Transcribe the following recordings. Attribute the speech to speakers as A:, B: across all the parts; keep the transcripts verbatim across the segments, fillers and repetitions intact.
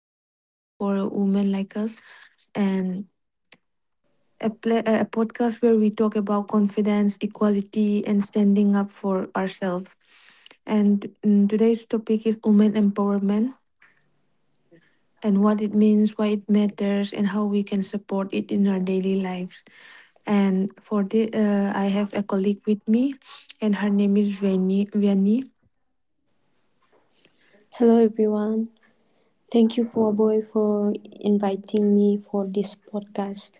A: important one for a woman like us, and a, pla a podcast where we talk about confidence, equality, and standing up for ourselves. And mm, today's topic is women empowerment, and what it means, why it matters, and how we can support it in our daily lives. And for this, uh, I have a colleague with me, and her name is Vani. Vani.
B: Hello everyone. Thank you for boy for inviting me for this podcast.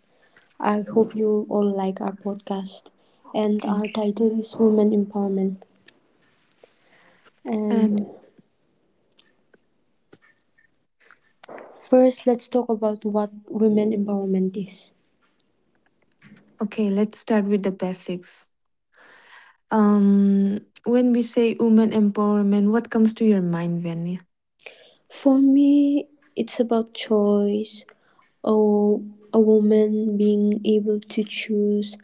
B: I hope you all like our podcast and our title is Women Empowerment. And
A: And
B: first let's talk about what women empowerment is.
A: okay, let's start with the basics. Um, when we say women empowerment, what comes to your mind, Vanya?
B: For me, it's about choice, or a woman being able to choose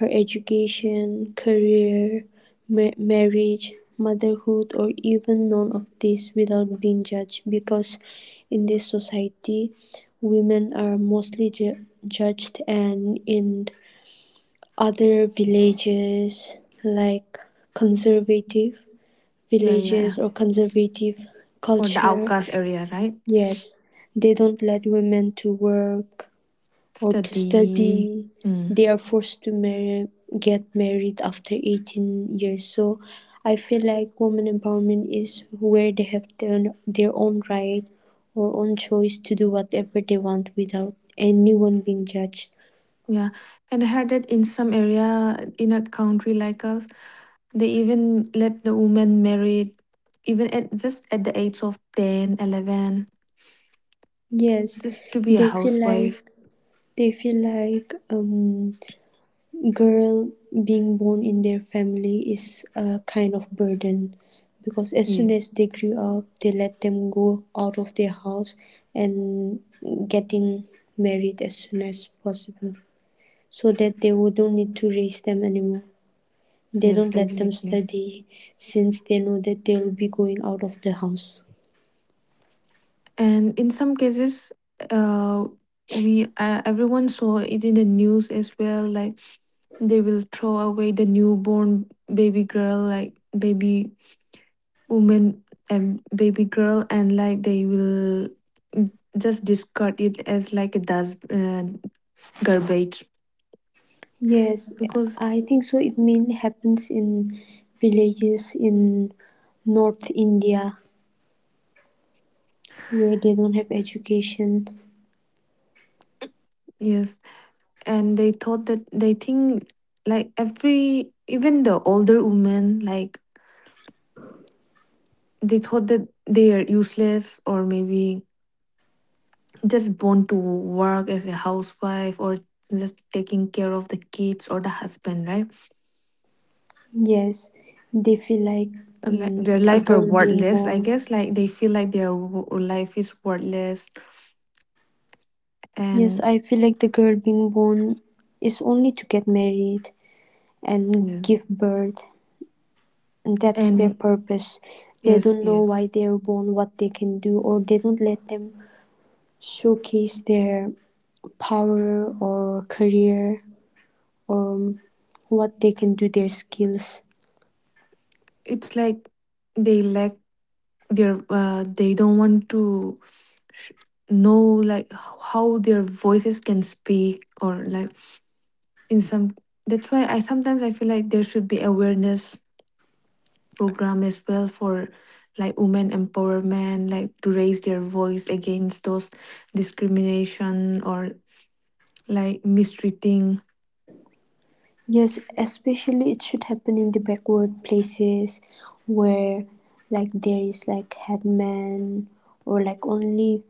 B: her education, career, ma- marriage, motherhood, or even none of this without being judged, because in this society women are mostly ju- judged. And in other villages like conservative
A: Yeah, yeah, yeah.
B: villages or conservative
A: For the
B: culture,
A: outcast area, right?
B: yes, they don't let women to work or to
A: Study.
B: study.
A: Mm,
B: They are forced to marry, get married after eighteen years. So I feel like women empowerment is where they have their, their own right or own choice to do whatever they want without anyone being judged.
A: yeah, and I heard that in some area in a country like us, they even let the woman marry, even at just at the age of ten, eleven,
B: Yes,
A: just to be a
B: they feel like
A: housewife.
B: they feel like um girl being born in their family is a kind of burden, because as
A: Yeah.
B: soon as they grew up they let them go out of their house and getting married as soon as possible so that they would don't need to raise them anymore. They
A: Yes,
B: don't let them
A: exactly.
B: study since they know that they will be going out of the house.
A: And in some cases, uh we uh, everyone saw it in the news as well, like they will throw away the newborn baby girl, like baby woman and baby girl, and like they will just discard it as like a dust, uh, garbage,
B: Yes,
A: because
B: I think so it mainly happens in villages in North India where they don't have education.
A: yes, and they thought that they think like every even the older women, like they thought that they are useless, or maybe just born to work as a housewife or just taking care of the kids or the husband, right?
B: Yes, they feel like
A: Like their
B: um, a
A: life are
B: girl being
A: worthless, I
B: born.
A: guess, like they feel like their wo- life is worthless.
B: Yes,
A: And
B: I feel like the girl being born is only to get married and
A: yes,
B: give birth. And that's their
A: and
B: purpose. They
A: yes,
B: don't know
A: yes,
B: why they are born, what they can do, or they don't let them showcase their power or career or what they can do, their skills.
A: it's like they lack their, uh, they don't want to sh- know, like h- how their voices can speak, or like in some, that's why I, sometimes I feel like there should be awareness program as well for like women empowerment, like to raise their voice against those discrimination or like mistreating.
B: Yes, especially it should happen in the backward places where like there is like headman, or like only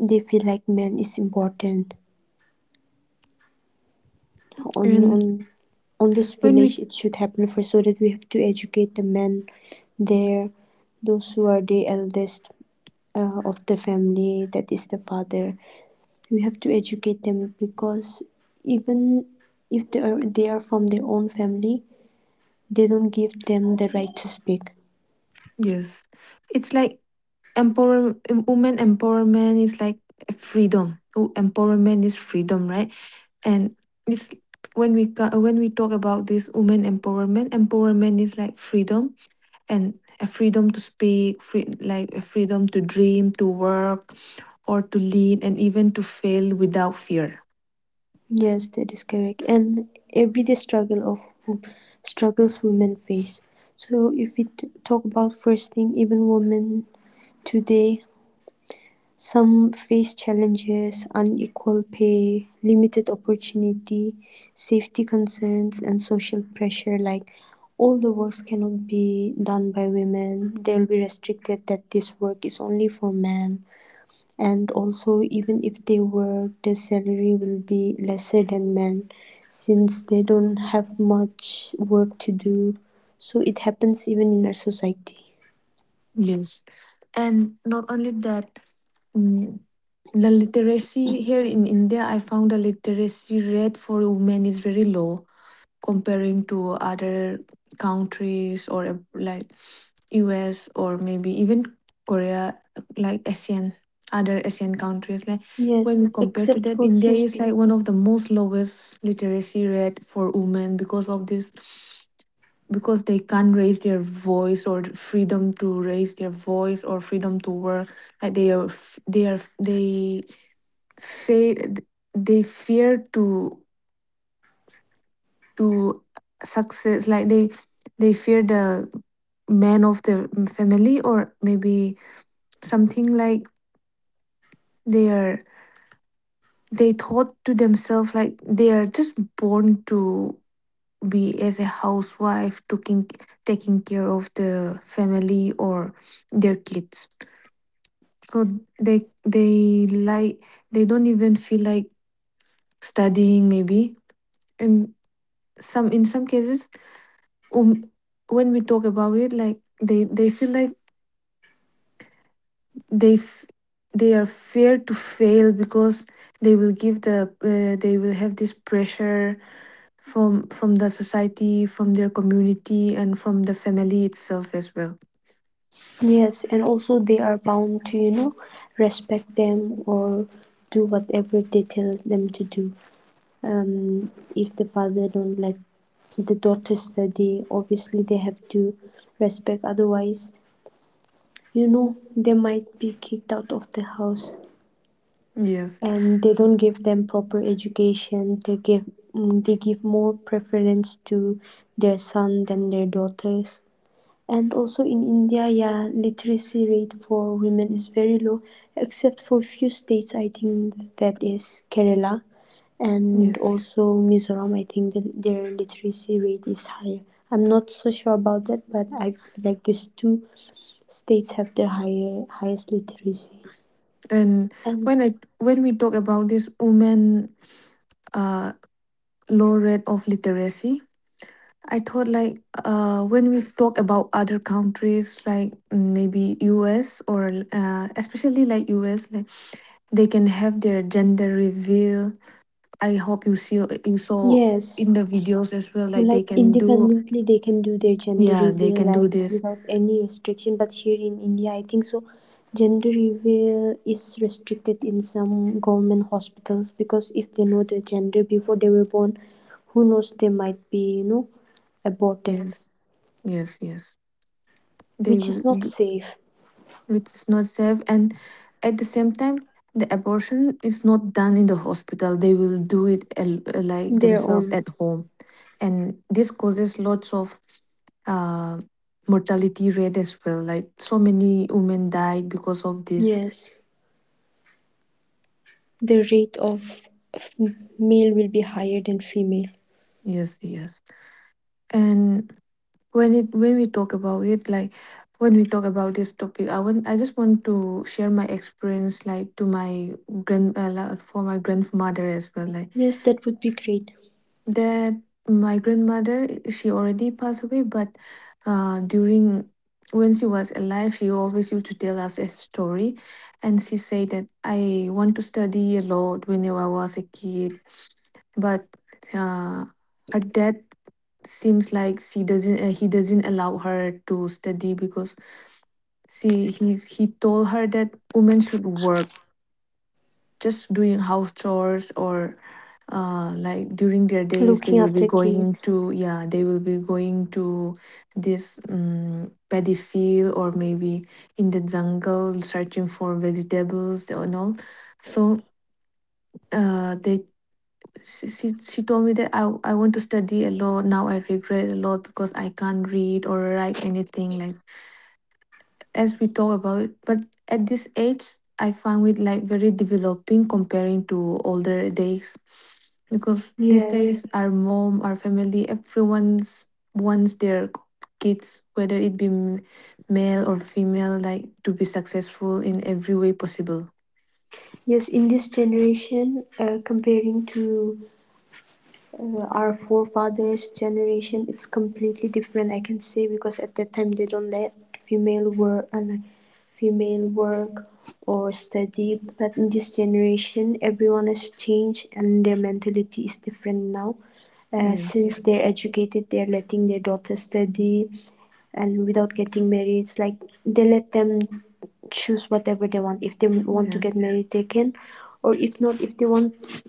B: they feel like man is important. On on
A: And
B: on those
A: when
B: village
A: we
B: it should happen first, so that we have to educate the men there, those who are the eldest uh, of the family, that is the father. We have to educate them because even if they are, they are from their own family they don't give them the right to speak.
A: yes, it's like empower em- women empowerment is like freedom. Wo- empowerment is freedom, right? And it's, when we ca- when we talk about this women empowerment empowerment is like freedom, and a freedom to speak, free, like a freedom to dream, to work, or to lead, and even to fail without fear.
B: Yes, that is correct. And everyday struggle of struggles women face. So if we t- talk about first thing, even women today, some face challenges, unequal pay, limited opportunity, safety concerns, and social pressure. Like all the works cannot be done by women. They will be restricted that this work is only for men, and also even if they work their salary will be lesser than men since they don't have much work to do. So it happens even in our society.
A: Yes. And not only that, mm, the literacy here in India, I found the literacy rate for women is very low comparing to other countries, or ab- like U S or maybe even Korea, like ASEAN, other ASEAN countries. Like when
B: Yes,
A: we compare to
B: except
A: that,
B: for
A: India
B: few
A: is like
B: states.
A: one of the most lowest literacy rate for women because of this, because they can't raise their voice, or freedom to raise their voice or freedom to work. Like they are, f- they are, they fa- they fear to to success, like they they fear the man of their family, or maybe something like they are they thought to themselves like they are just born to be as a housewife, taking taking care of the family or their kids. So they they like they don't even feel like studying maybe. And some in some cases, um, when we talk about it, like they they feel like they f- they are feared to fail, because they will give the uh, they will have this pressure from from the society, from their community, and from the family itself as well.
B: Yes, and also they are bound to, you know, respect them or do whatever they tell them to do. um, if the father don't let the daughter study, obviously they have to respect, otherwise you know they might be kicked out of the house.
A: Yes,
B: And they don't give them proper education. They give mm, they give more preference to their son than their daughters. And also in India, yeah, literacy rate for women is very low, except for few states. I think that is Kerala, and
A: yes.
B: also Mizoram. I think that their literacy rate is higher. I'm not so sure about that, but I feel like these two states have the higher highest literacy.
A: And
B: And
A: when i when we talk about this women, uh low rate of literacy, I thought like uh when we talk about other countries like, mm, maybe us, or uh, especially like us, like they can have their gender reveal. I hope you see you saw
B: yes,
A: in the videos as well. Like they
B: like
A: can do,
B: independently they can do their gender
A: yeah, they
B: reveal
A: can do
B: like
A: this.
B: without any restriction, but here in India I think so gender reveal is restricted in some government hospitals, because if they know their gender before they were born, who knows, they might be, you know, aborted,
A: Yes, yes, yes. They
B: which
A: will.
B: is not
A: b-
B: safe.
A: It's not safe, and at the same time, the abortion is not done in the hospital. They will do it, al- uh, like
B: Their
A: themselves
B: own.
A: at home, and this causes lots of, uh, mortality rate as well. Like so many women died because of this.
B: Yes, the rate of f- male will be higher than female.
A: Yes, yes. And, when it when we talk about it like when we talk about this topic, i want I just want to share my experience, like to my grand uh, la- for my grandmother as well, like
B: Yes, that would be great.
A: that my grandmother, she already passed away, but uh during when she was alive, she always used to tell us a story. And she said that, "I want to study a lot when I was a kid, but," uh, her dad, seems like she doesn't uh, he doesn't allow her to study, because she he he told her that women should work, just doing house chores, or uh like during their days they
B: Looking
A: will be
B: after
A: going
B: kids.
A: to yeah they will be going to this um, paddy field, or maybe in the jungle searching for vegetables and all. So uh they she, she she told me that I I want to study a lot, now I regret a lot because I can't read or write anything, like as we talk about it. But at this age, I find it like very developing comparing to older days, because these
B: Yes.
A: days our mom, our family, everyone's wants their kids, whether it be m- male or female, like to be successful in every way possible.
B: Yes, in this generation, uh, comparing to uh, our forefathers generation, it's completely different I can say, because at that time they don't let female work and female work or study. But in this generation everyone has changed and their mentality is different now. Uh,
A: Yes,
B: since they're educated they're letting their daughters study. And without getting married, it's like they let them choose whatever they want. If they want to
A: yeah,
B: get married they can, or if not, if they want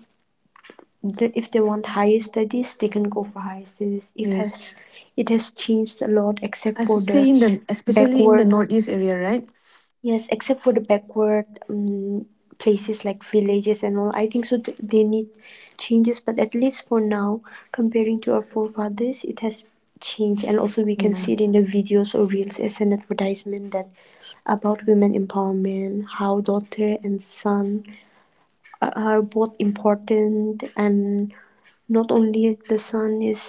B: the, if they want higher studies they can go for higher studies. If
A: yes,
B: has It has changed a lot, except
A: I
B: for
A: should
B: the
A: say in the, especially in the
B: backward.
A: northeast area, right?
B: Yes, except for the backward um, places like villages and all. I think so th- they need changes, but at least for now, comparing to our forefathers it has changed. And also we can
A: Yeah.
B: see it in the videos or reels as an advertisement that about women empowerment, how daughter and son a- are both important, and not only the sun is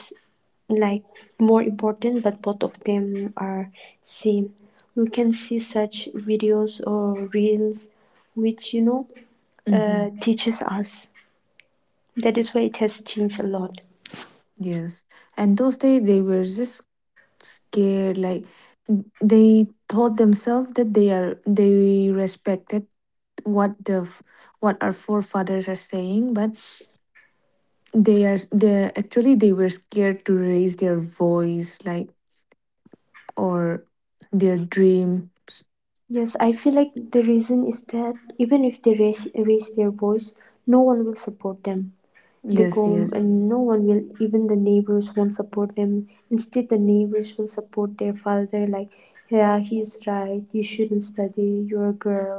B: like more important, but both of them are same. We can see such videos or reels which, you know,
A: Mm-hmm.
B: uh, teaches us. That is why it has changed a lot.
A: Yes. And those days they were just scared. Like they thought themselves that they are they respected what the f- what our forefathers are saying, but they are they actually they were scared to raise their voice, like, or their dreams.
B: Yes, I feel like the reason is that even if they raise, raise their voice no one will support them. They
A: Yes.
B: come,
A: Yes.
B: and no one will, even the neighbors won't support them. Instead, the neighbors will support their father, like, yeah, he's right. You shouldn't study. You're a girl.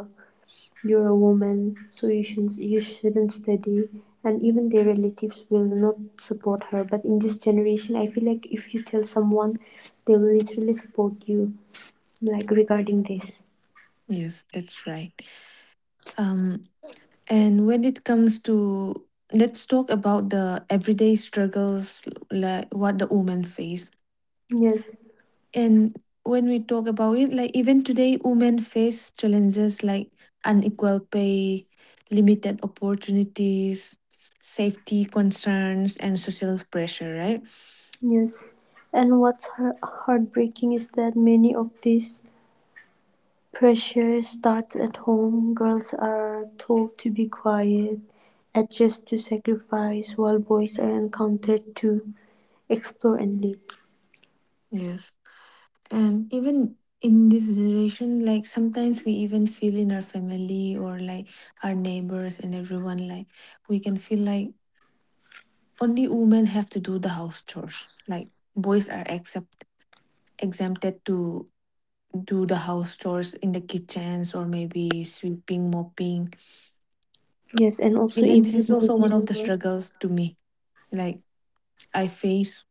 B: You're a woman, so you shouldn't you shouldn't study. And even their relatives will not support her. But in this generation, I feel like if you tell someone, they will literally support you, like regarding this.
A: Yes. That's right. Um. And when it comes to, let's talk about the everyday struggles, like what the women face.
B: Yes,
A: And when we talk about it, like even today, women face challenges like unequal pay, limited opportunities, safety concerns, and social pressure, right?
B: yes. And what's heart- heartbreaking is that many of these pressure starts at home. Girls are told to be quiet, adjust to sacrifice, while boys are encountered to explore and lead.
A: Yes. And even in this generation, like sometimes we even feel in our family or like our neighbors and everyone, like we can feel like only women have to do the house chores. Like boys are except exempted to do the house chores in the kitchens, or maybe sweeping, mopping.
B: Yes, and also
A: Even this
B: even
A: is
B: when they
A: also one of
B: didn't
A: the
B: work.
A: struggles to me. Like I face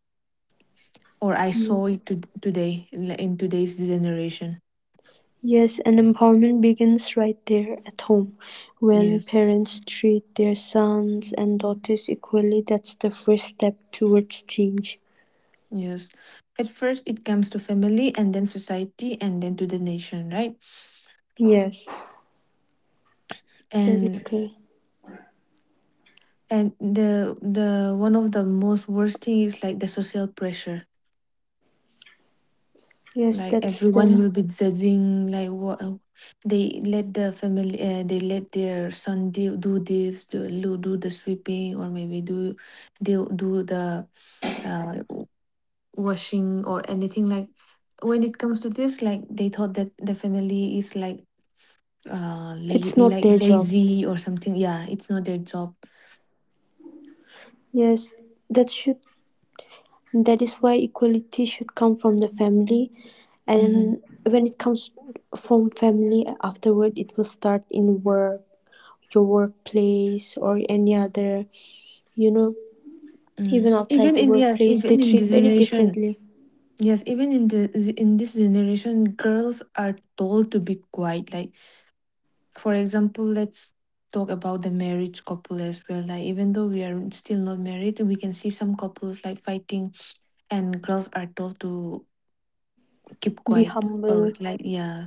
A: or I
B: Mm.
A: saw it to, today in in today's generation.
B: Yes, and empowerment begins right there at home. When
A: Yes.
B: parents treat their sons and daughters equally, that's the first step towards change.
A: Yes. At first it comes to family, and then society, and then to the nation, right?
B: Yes, that is
A: And
B: correct.
A: and the the one of the most worst thing is like the social pressure.
B: Yes,
A: Like
B: that's
A: everyone
B: the.
A: will be judging like what, they let the family uh, they let their son do, do this do, do do the sweeping, or maybe do they do the uh, washing or anything, like when it comes to this, like they thought that the family is like uh la-
B: It's not
A: like
B: their job.
A: lazy or something. Yeah, it's not their job.
B: Yes, that should that is why equality should come from the family.
A: Hmm.
B: And when it comes from family, afterward it will start in work, your workplace or any other, you know,
A: Mm.
B: even
A: Even
B: outside the
A: in, yes,
B: workplace they
A: even in
B: treat
A: this
B: very
A: generation,
B: differently.
A: yes, even in the in this generation girls are told to be quiet, like for example, let's talk about the marriage couple as well, like even though we are still not married, we can see some couples like fighting, and girls are told to keep
B: Be
A: quiet, or
B: humble.
A: like, yeah,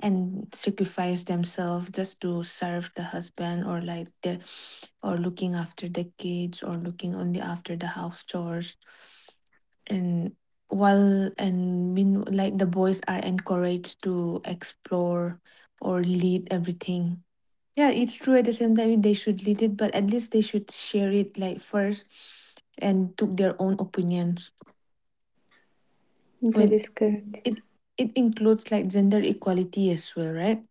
A: and sacrifice themselves just to serve the husband, or like the or looking after the kids, or looking only after the house chores. And while, and mean, like the boys are encouraged to explore or lead everything. Yeah, it's true, at the same time they should lead it, but at least they should share it like first, and took their own opinions.
B: That
A: When
B: is correct.
A: it it includes like gender equality as well, right?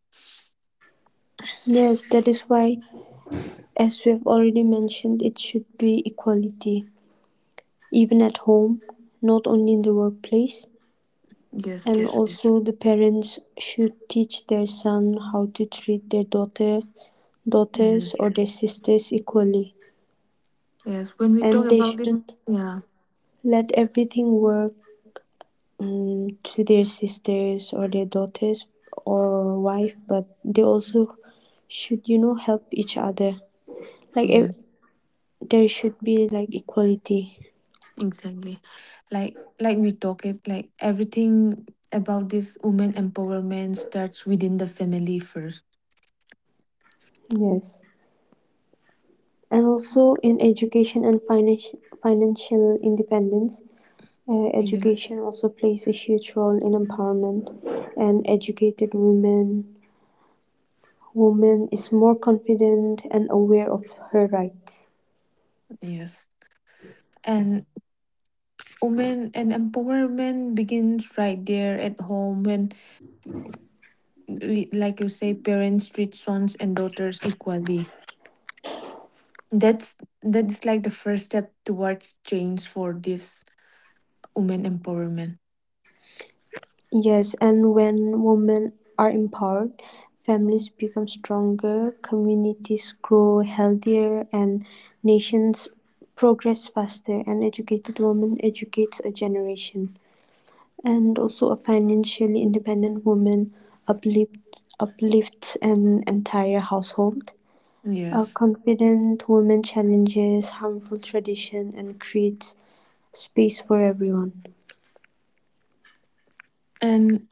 B: Yes, that is why, as we've already mentioned, it should be equality even at home, not only in the workplace.
A: Yes,
B: And
A: that's right.
B: also the parents should teach their son how to treat their daughter daughters or
A: Yes,
B: their sisters equally.
A: yes, when we talk
B: And they
A: about this,
B: shouldn't
A: yeah,
B: let everything work um, to their sisters or their daughters or wife, but they also should, you know, help each other. Like ev-
A: yes.
B: there should be like equality.
A: Exactly. Like like we talk it, like everything about this women empowerment starts within the family first.
B: Yes. And also in education and finance, financial independence. Uh,
A: Yeah.
B: education also plays a huge role in empowerment, and educated women woman is more confident and aware of her rights.
A: Yes. And women and empowerment begins right there at home, when we- like you say, parents treat sons and daughters equally. That's that's like the first step towards change for this women empowerment.
B: Yes, and when women are empowered, families become stronger, communities grow healthier, and nations progress faster. An educated woman educates a generation. And also, a financially independent woman uplifts, uplifts an entire household. A
A: Yes.
B: confident woman challenges harmful tradition and creates space for everyone.
A: And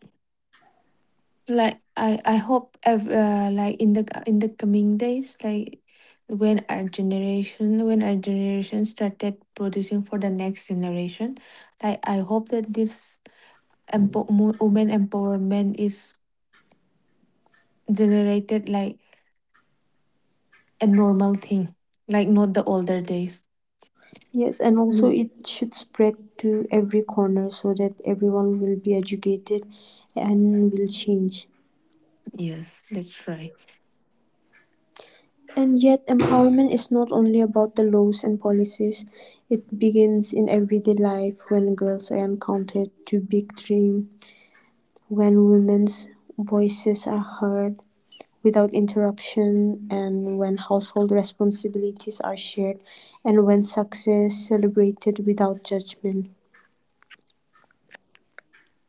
A: like I, I hope, ev- uh, like in the in the coming days, like when our generation, when our generation started producing for the next generation, like I hope that this empo- mo- women empowerment is generated like a normal thing, like not the older days.
B: Yes, and also
A: Mm.
B: it should spread to every corner so that everyone will be educated and will change.
A: Yes, that's right.
B: And yet, empowerment is not only about the laws and policies. It begins in everyday life when girls are encountered to big dreams, when women's voices are heard without interruption, and when household responsibilities are shared, and when success celebrated without judgment.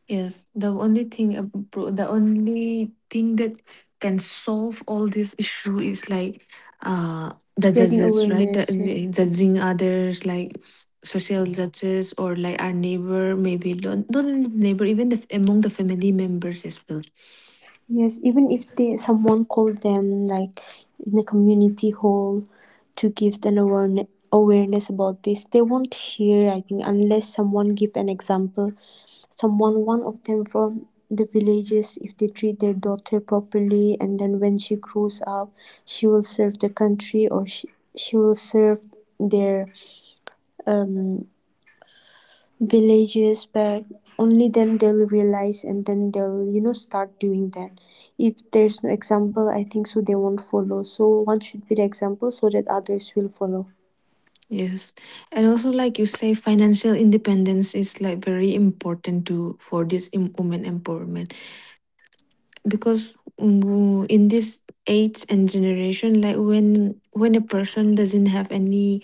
A: Yes, the only thing, ab- bro, the only thing that can solve all this issue is like uh the
B: Spreading
A: judges, right? The,
B: awareness, yeah.
A: the judging others, like social judges or like our neighbor, maybe not, not only the neighbor, even the, f- among the family members as well.
B: Yes, even if they someone called them like in the community hall to give them awareness awareness about this, they won't hear. I think unless someone give an example, someone one of them from the villages, if they treat their daughter properly, and then when she grows up, she will serve the country, or she she will serve their um villagers back, only then they'll realize, and then they'll, you know, start doing that. If there's no example, I think so they won't follow. So one should be the example so that others will follow.
A: Yes, and also like you say, financial independence is like very important to for this im- women empowerment because mm, in this age and generation like when when a person doesn't have any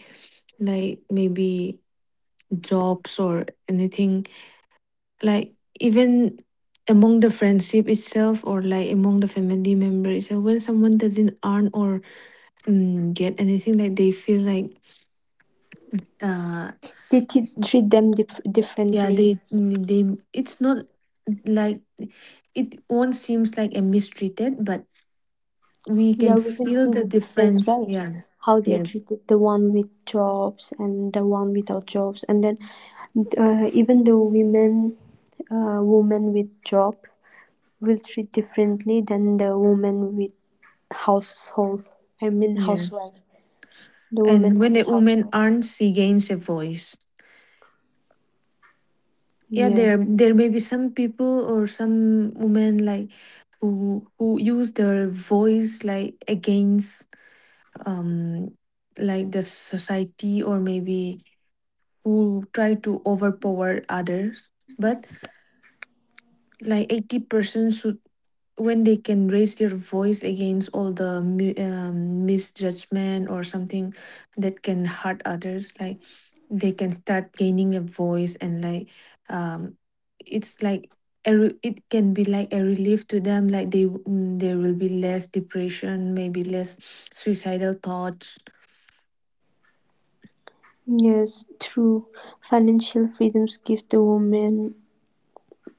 A: like maybe jobs or anything like even among the friendship itself or like among the family member itself when someone doesn't earn or mm, get anything like they feel like uh
B: They t- treat them dif-
A: yeah
B: differently.
A: they they it's not like it won't seems like a mistreated but we can
B: Yeah, we can
A: feel
B: see
A: the
B: the difference,
A: difference.
B: right?
A: Yeah.
B: How they are
A: Yes.
B: treated, the one with jobs and the one without jobs. And then uh, even the women, uh, women with job will treat differently than the woman with household. I mean
A: Yes.
B: housewife. The woman
A: And
B: who
A: when a
B: is
A: woman
B: housewife.
A: earns, she gains a voice. Yeah, there
B: Yes.
A: there may be some people or some women like who who use their voice like against um like the society or maybe who try to overpower others. But like eighty percent should when they can raise their voice against all the mu- um, misjudgment or something that can hurt others like they can start gaining a voice and like um it's like a re- it can be like a relief to them like they w- mm, there will be less depression maybe less suicidal thoughts.
B: Yes, true. Financial freedoms give the woman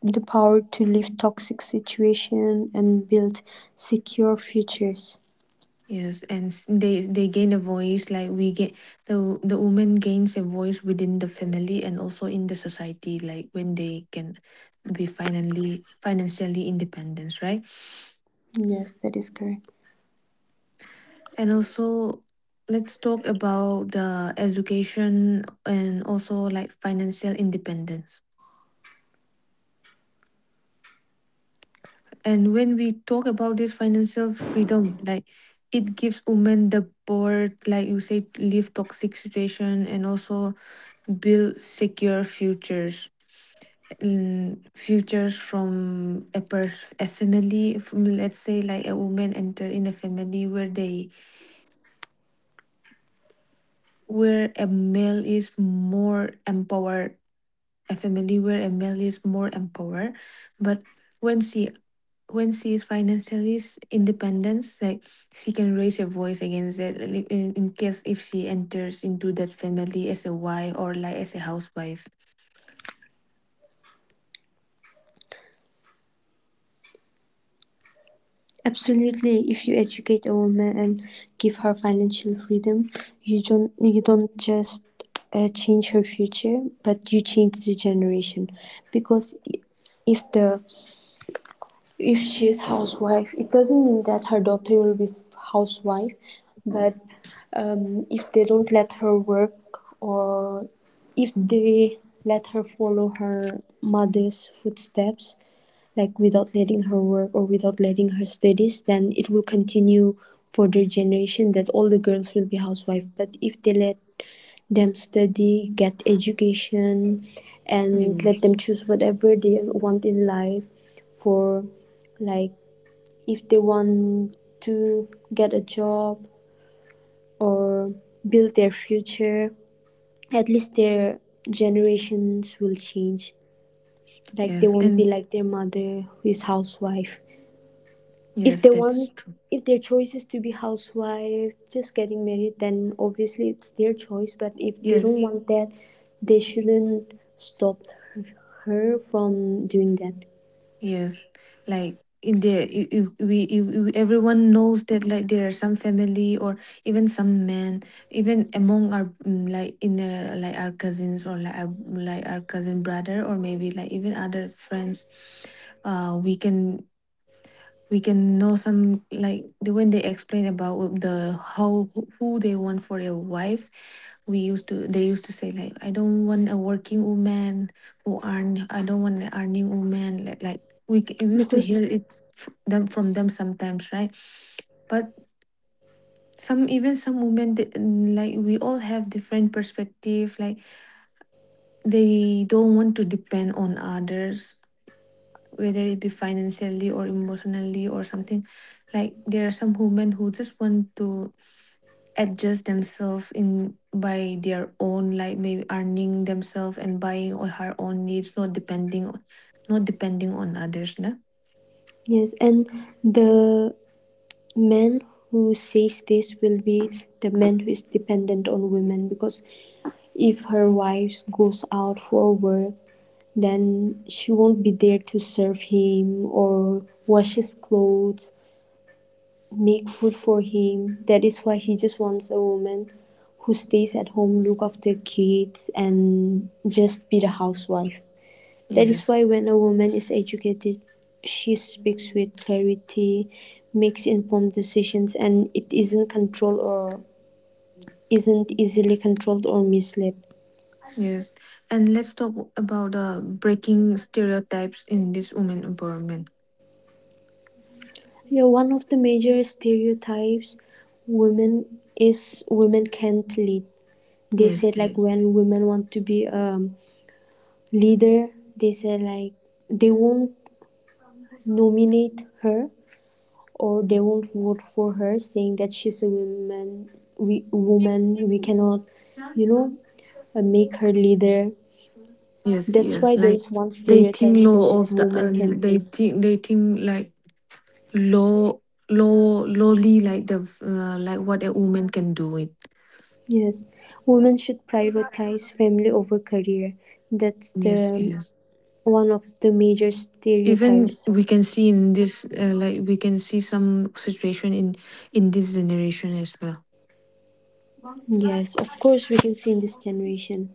B: the power to leave toxic situation and build secure futures.
A: Yes, and s- they they gain a voice like we get the the woman gains a voice within the family and also in the society like when they can be finally financially independent, right?
B: Yes, that is correct.
A: And also let's talk about the education and also like financial independence. And when we talk about this financial freedom, like it gives women the power, like you say, to leave toxic situation and also build secure futures. Mm, futures from a pers- a family from, let's say like a woman enter in a family where they where a male is more empowered, a family where a male is more empowered but when she when she is financially s- independent like she can raise her voice against it like, in, in case if she enters into that family as a wife or like as a housewife.
B: Absolutely, if you educate a woman and give her financial freedom, you don't you don't just uh, change her future, but you change the generation. Because if the if she is housewife, it doesn't mean that her daughter will be housewife. But um, if they don't let her work, or if they let her follow her mother's footsteps, like without letting her work or without letting her studies, then it will continue for their generation that all the girls will be housewife. But if they let them study, get education, and let them
A: Yes.
B: choose whatever they want in life, for like if they want to get a job or build their future, at least their generations will change, like they
A: Yes,
B: won't be
A: and
B: like their mother who is housewife. If
A: yes,
B: they
A: that's
B: want,
A: true.
B: if their choice is to be housewife, just getting married, then obviously it's their choice. But if they don't
A: Yes.
B: want that, they shouldn't stop her from doing that.
A: Yes, like in there, you, you, we, you, you- everyone knows that like there are some family or even some men, even among our mm, like in uh, like our cousins or like our like our cousin brother or maybe like even other friends, uh, we can we can know some like the when they explain about the how who they want for their wife. We used to They used to say like I don't want a working woman who earn, I don't want an earning woman like, like we c- used to hear
B: Because
A: it f- them from them sometimes, right? But some, even some women, they- like we all have different perspective like they don't want to depend on others, whether it be financially or emotionally or something, like there are some women who just want to adjust themselves in by their own like maybe earning themselves and buying on her own needs, not depending on, not depending on others, no?
B: yes, and the man who says this will be the man who is dependent on women, because if her wife goes out for work, then she won't be there to serve him or wash his clothes, make food for him. That is why he just wants a woman who stays at home, look after kids, and just be the housewife. That is
A: Yes.
B: why when a woman is educated, she speaks with clarity, makes informed decisions, and it isn't controlled or isn't easily controlled or misled.
A: Yes, and let's talk about uh, breaking stereotypes in this women empowerment.
B: Yeah, one of the major stereotypes women is women can't lead. They
A: Yes.
B: said like
A: Yes.
B: when women want to be um leader, they said like they won't nominate her or they won't vote for her, saying that she's a woman, we woman we cannot, you know, uh, make her leader.
A: Yes,
B: That's
A: yes.
B: why there
A: Like
B: is one
A: they think
B: stereotype saying
A: low
B: that
A: of the
B: women
A: um,
B: can't
A: they
B: lead.
A: think they think like low, low, lowly like the uh, like what a woman can do it.
B: Yes, women should prioritize family over career. That's the
A: Yes.
B: um,
A: Yes.
B: one of the major
A: Even
B: stereotypes.
A: we can see in this uh, like we can see some situation in in this generation as well.
B: Yes, of course we can see in this generation.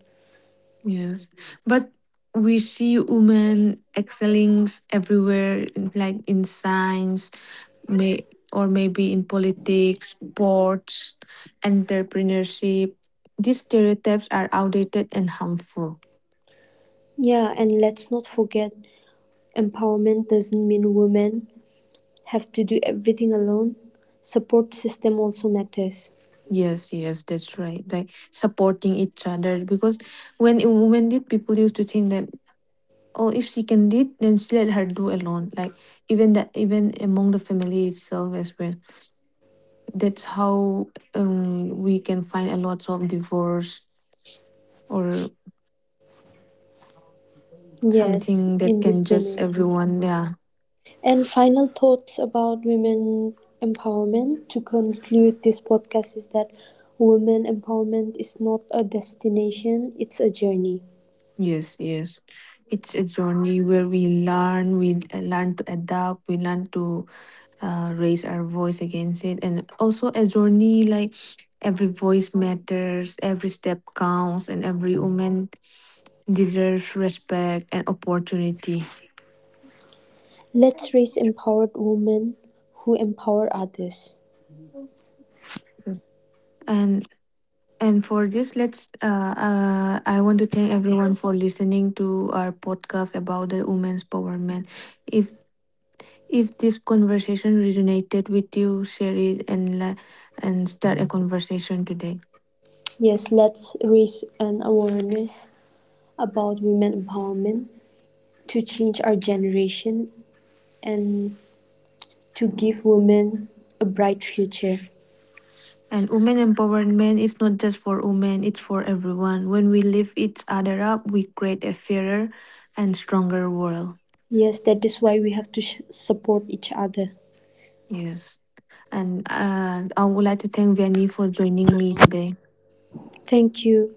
A: Yes. But we see women excelling everywhere in- like in science, may or maybe in politics, sports, entrepreneurship. These stereotypes are outdated and harmful.
B: Yeah, and let's not forget empowerment doesn't mean women have to do everything alone. Support system also matters.
A: Yes, yes, that's right. Like supporting each other because when when did people used to think that, oh, if she can do it then she let her do alone. Like even that, even among the family itself as well. That's how um we can find a lot of divorce or
B: Yes,
A: something that
B: in this
A: can judge
B: generation.
A: everyone. Yeah.
B: And final thoughts about women empowerment to conclude this podcast is that women empowerment is not a destination, it's a journey.
A: Yes, yes. It's a journey where we learn, we uh, learn to adapt, we learn to uh, raise our voice against it. And also, as journey, like every voice matters, every step counts, and every woman deserves respect and opportunity.
B: Let's raise empowered women who empower others.
A: And and for this, let's. Uh, uh, I want to thank everyone for listening to our podcast about the women's empowerment. If if this conversation resonated with you, share it and la- and start a conversation today.
B: Yes, let's raise an awareness about women empowerment to change our generation and to give women a bright future.
A: And women empowerment is not just for women, it's for everyone. When we lift each other up, we create a fairer and stronger world.
B: Yes, that is why we have to sh- support each other.
A: Yes. And uh, I would like to thank Vianney for joining me today.
B: Thank you.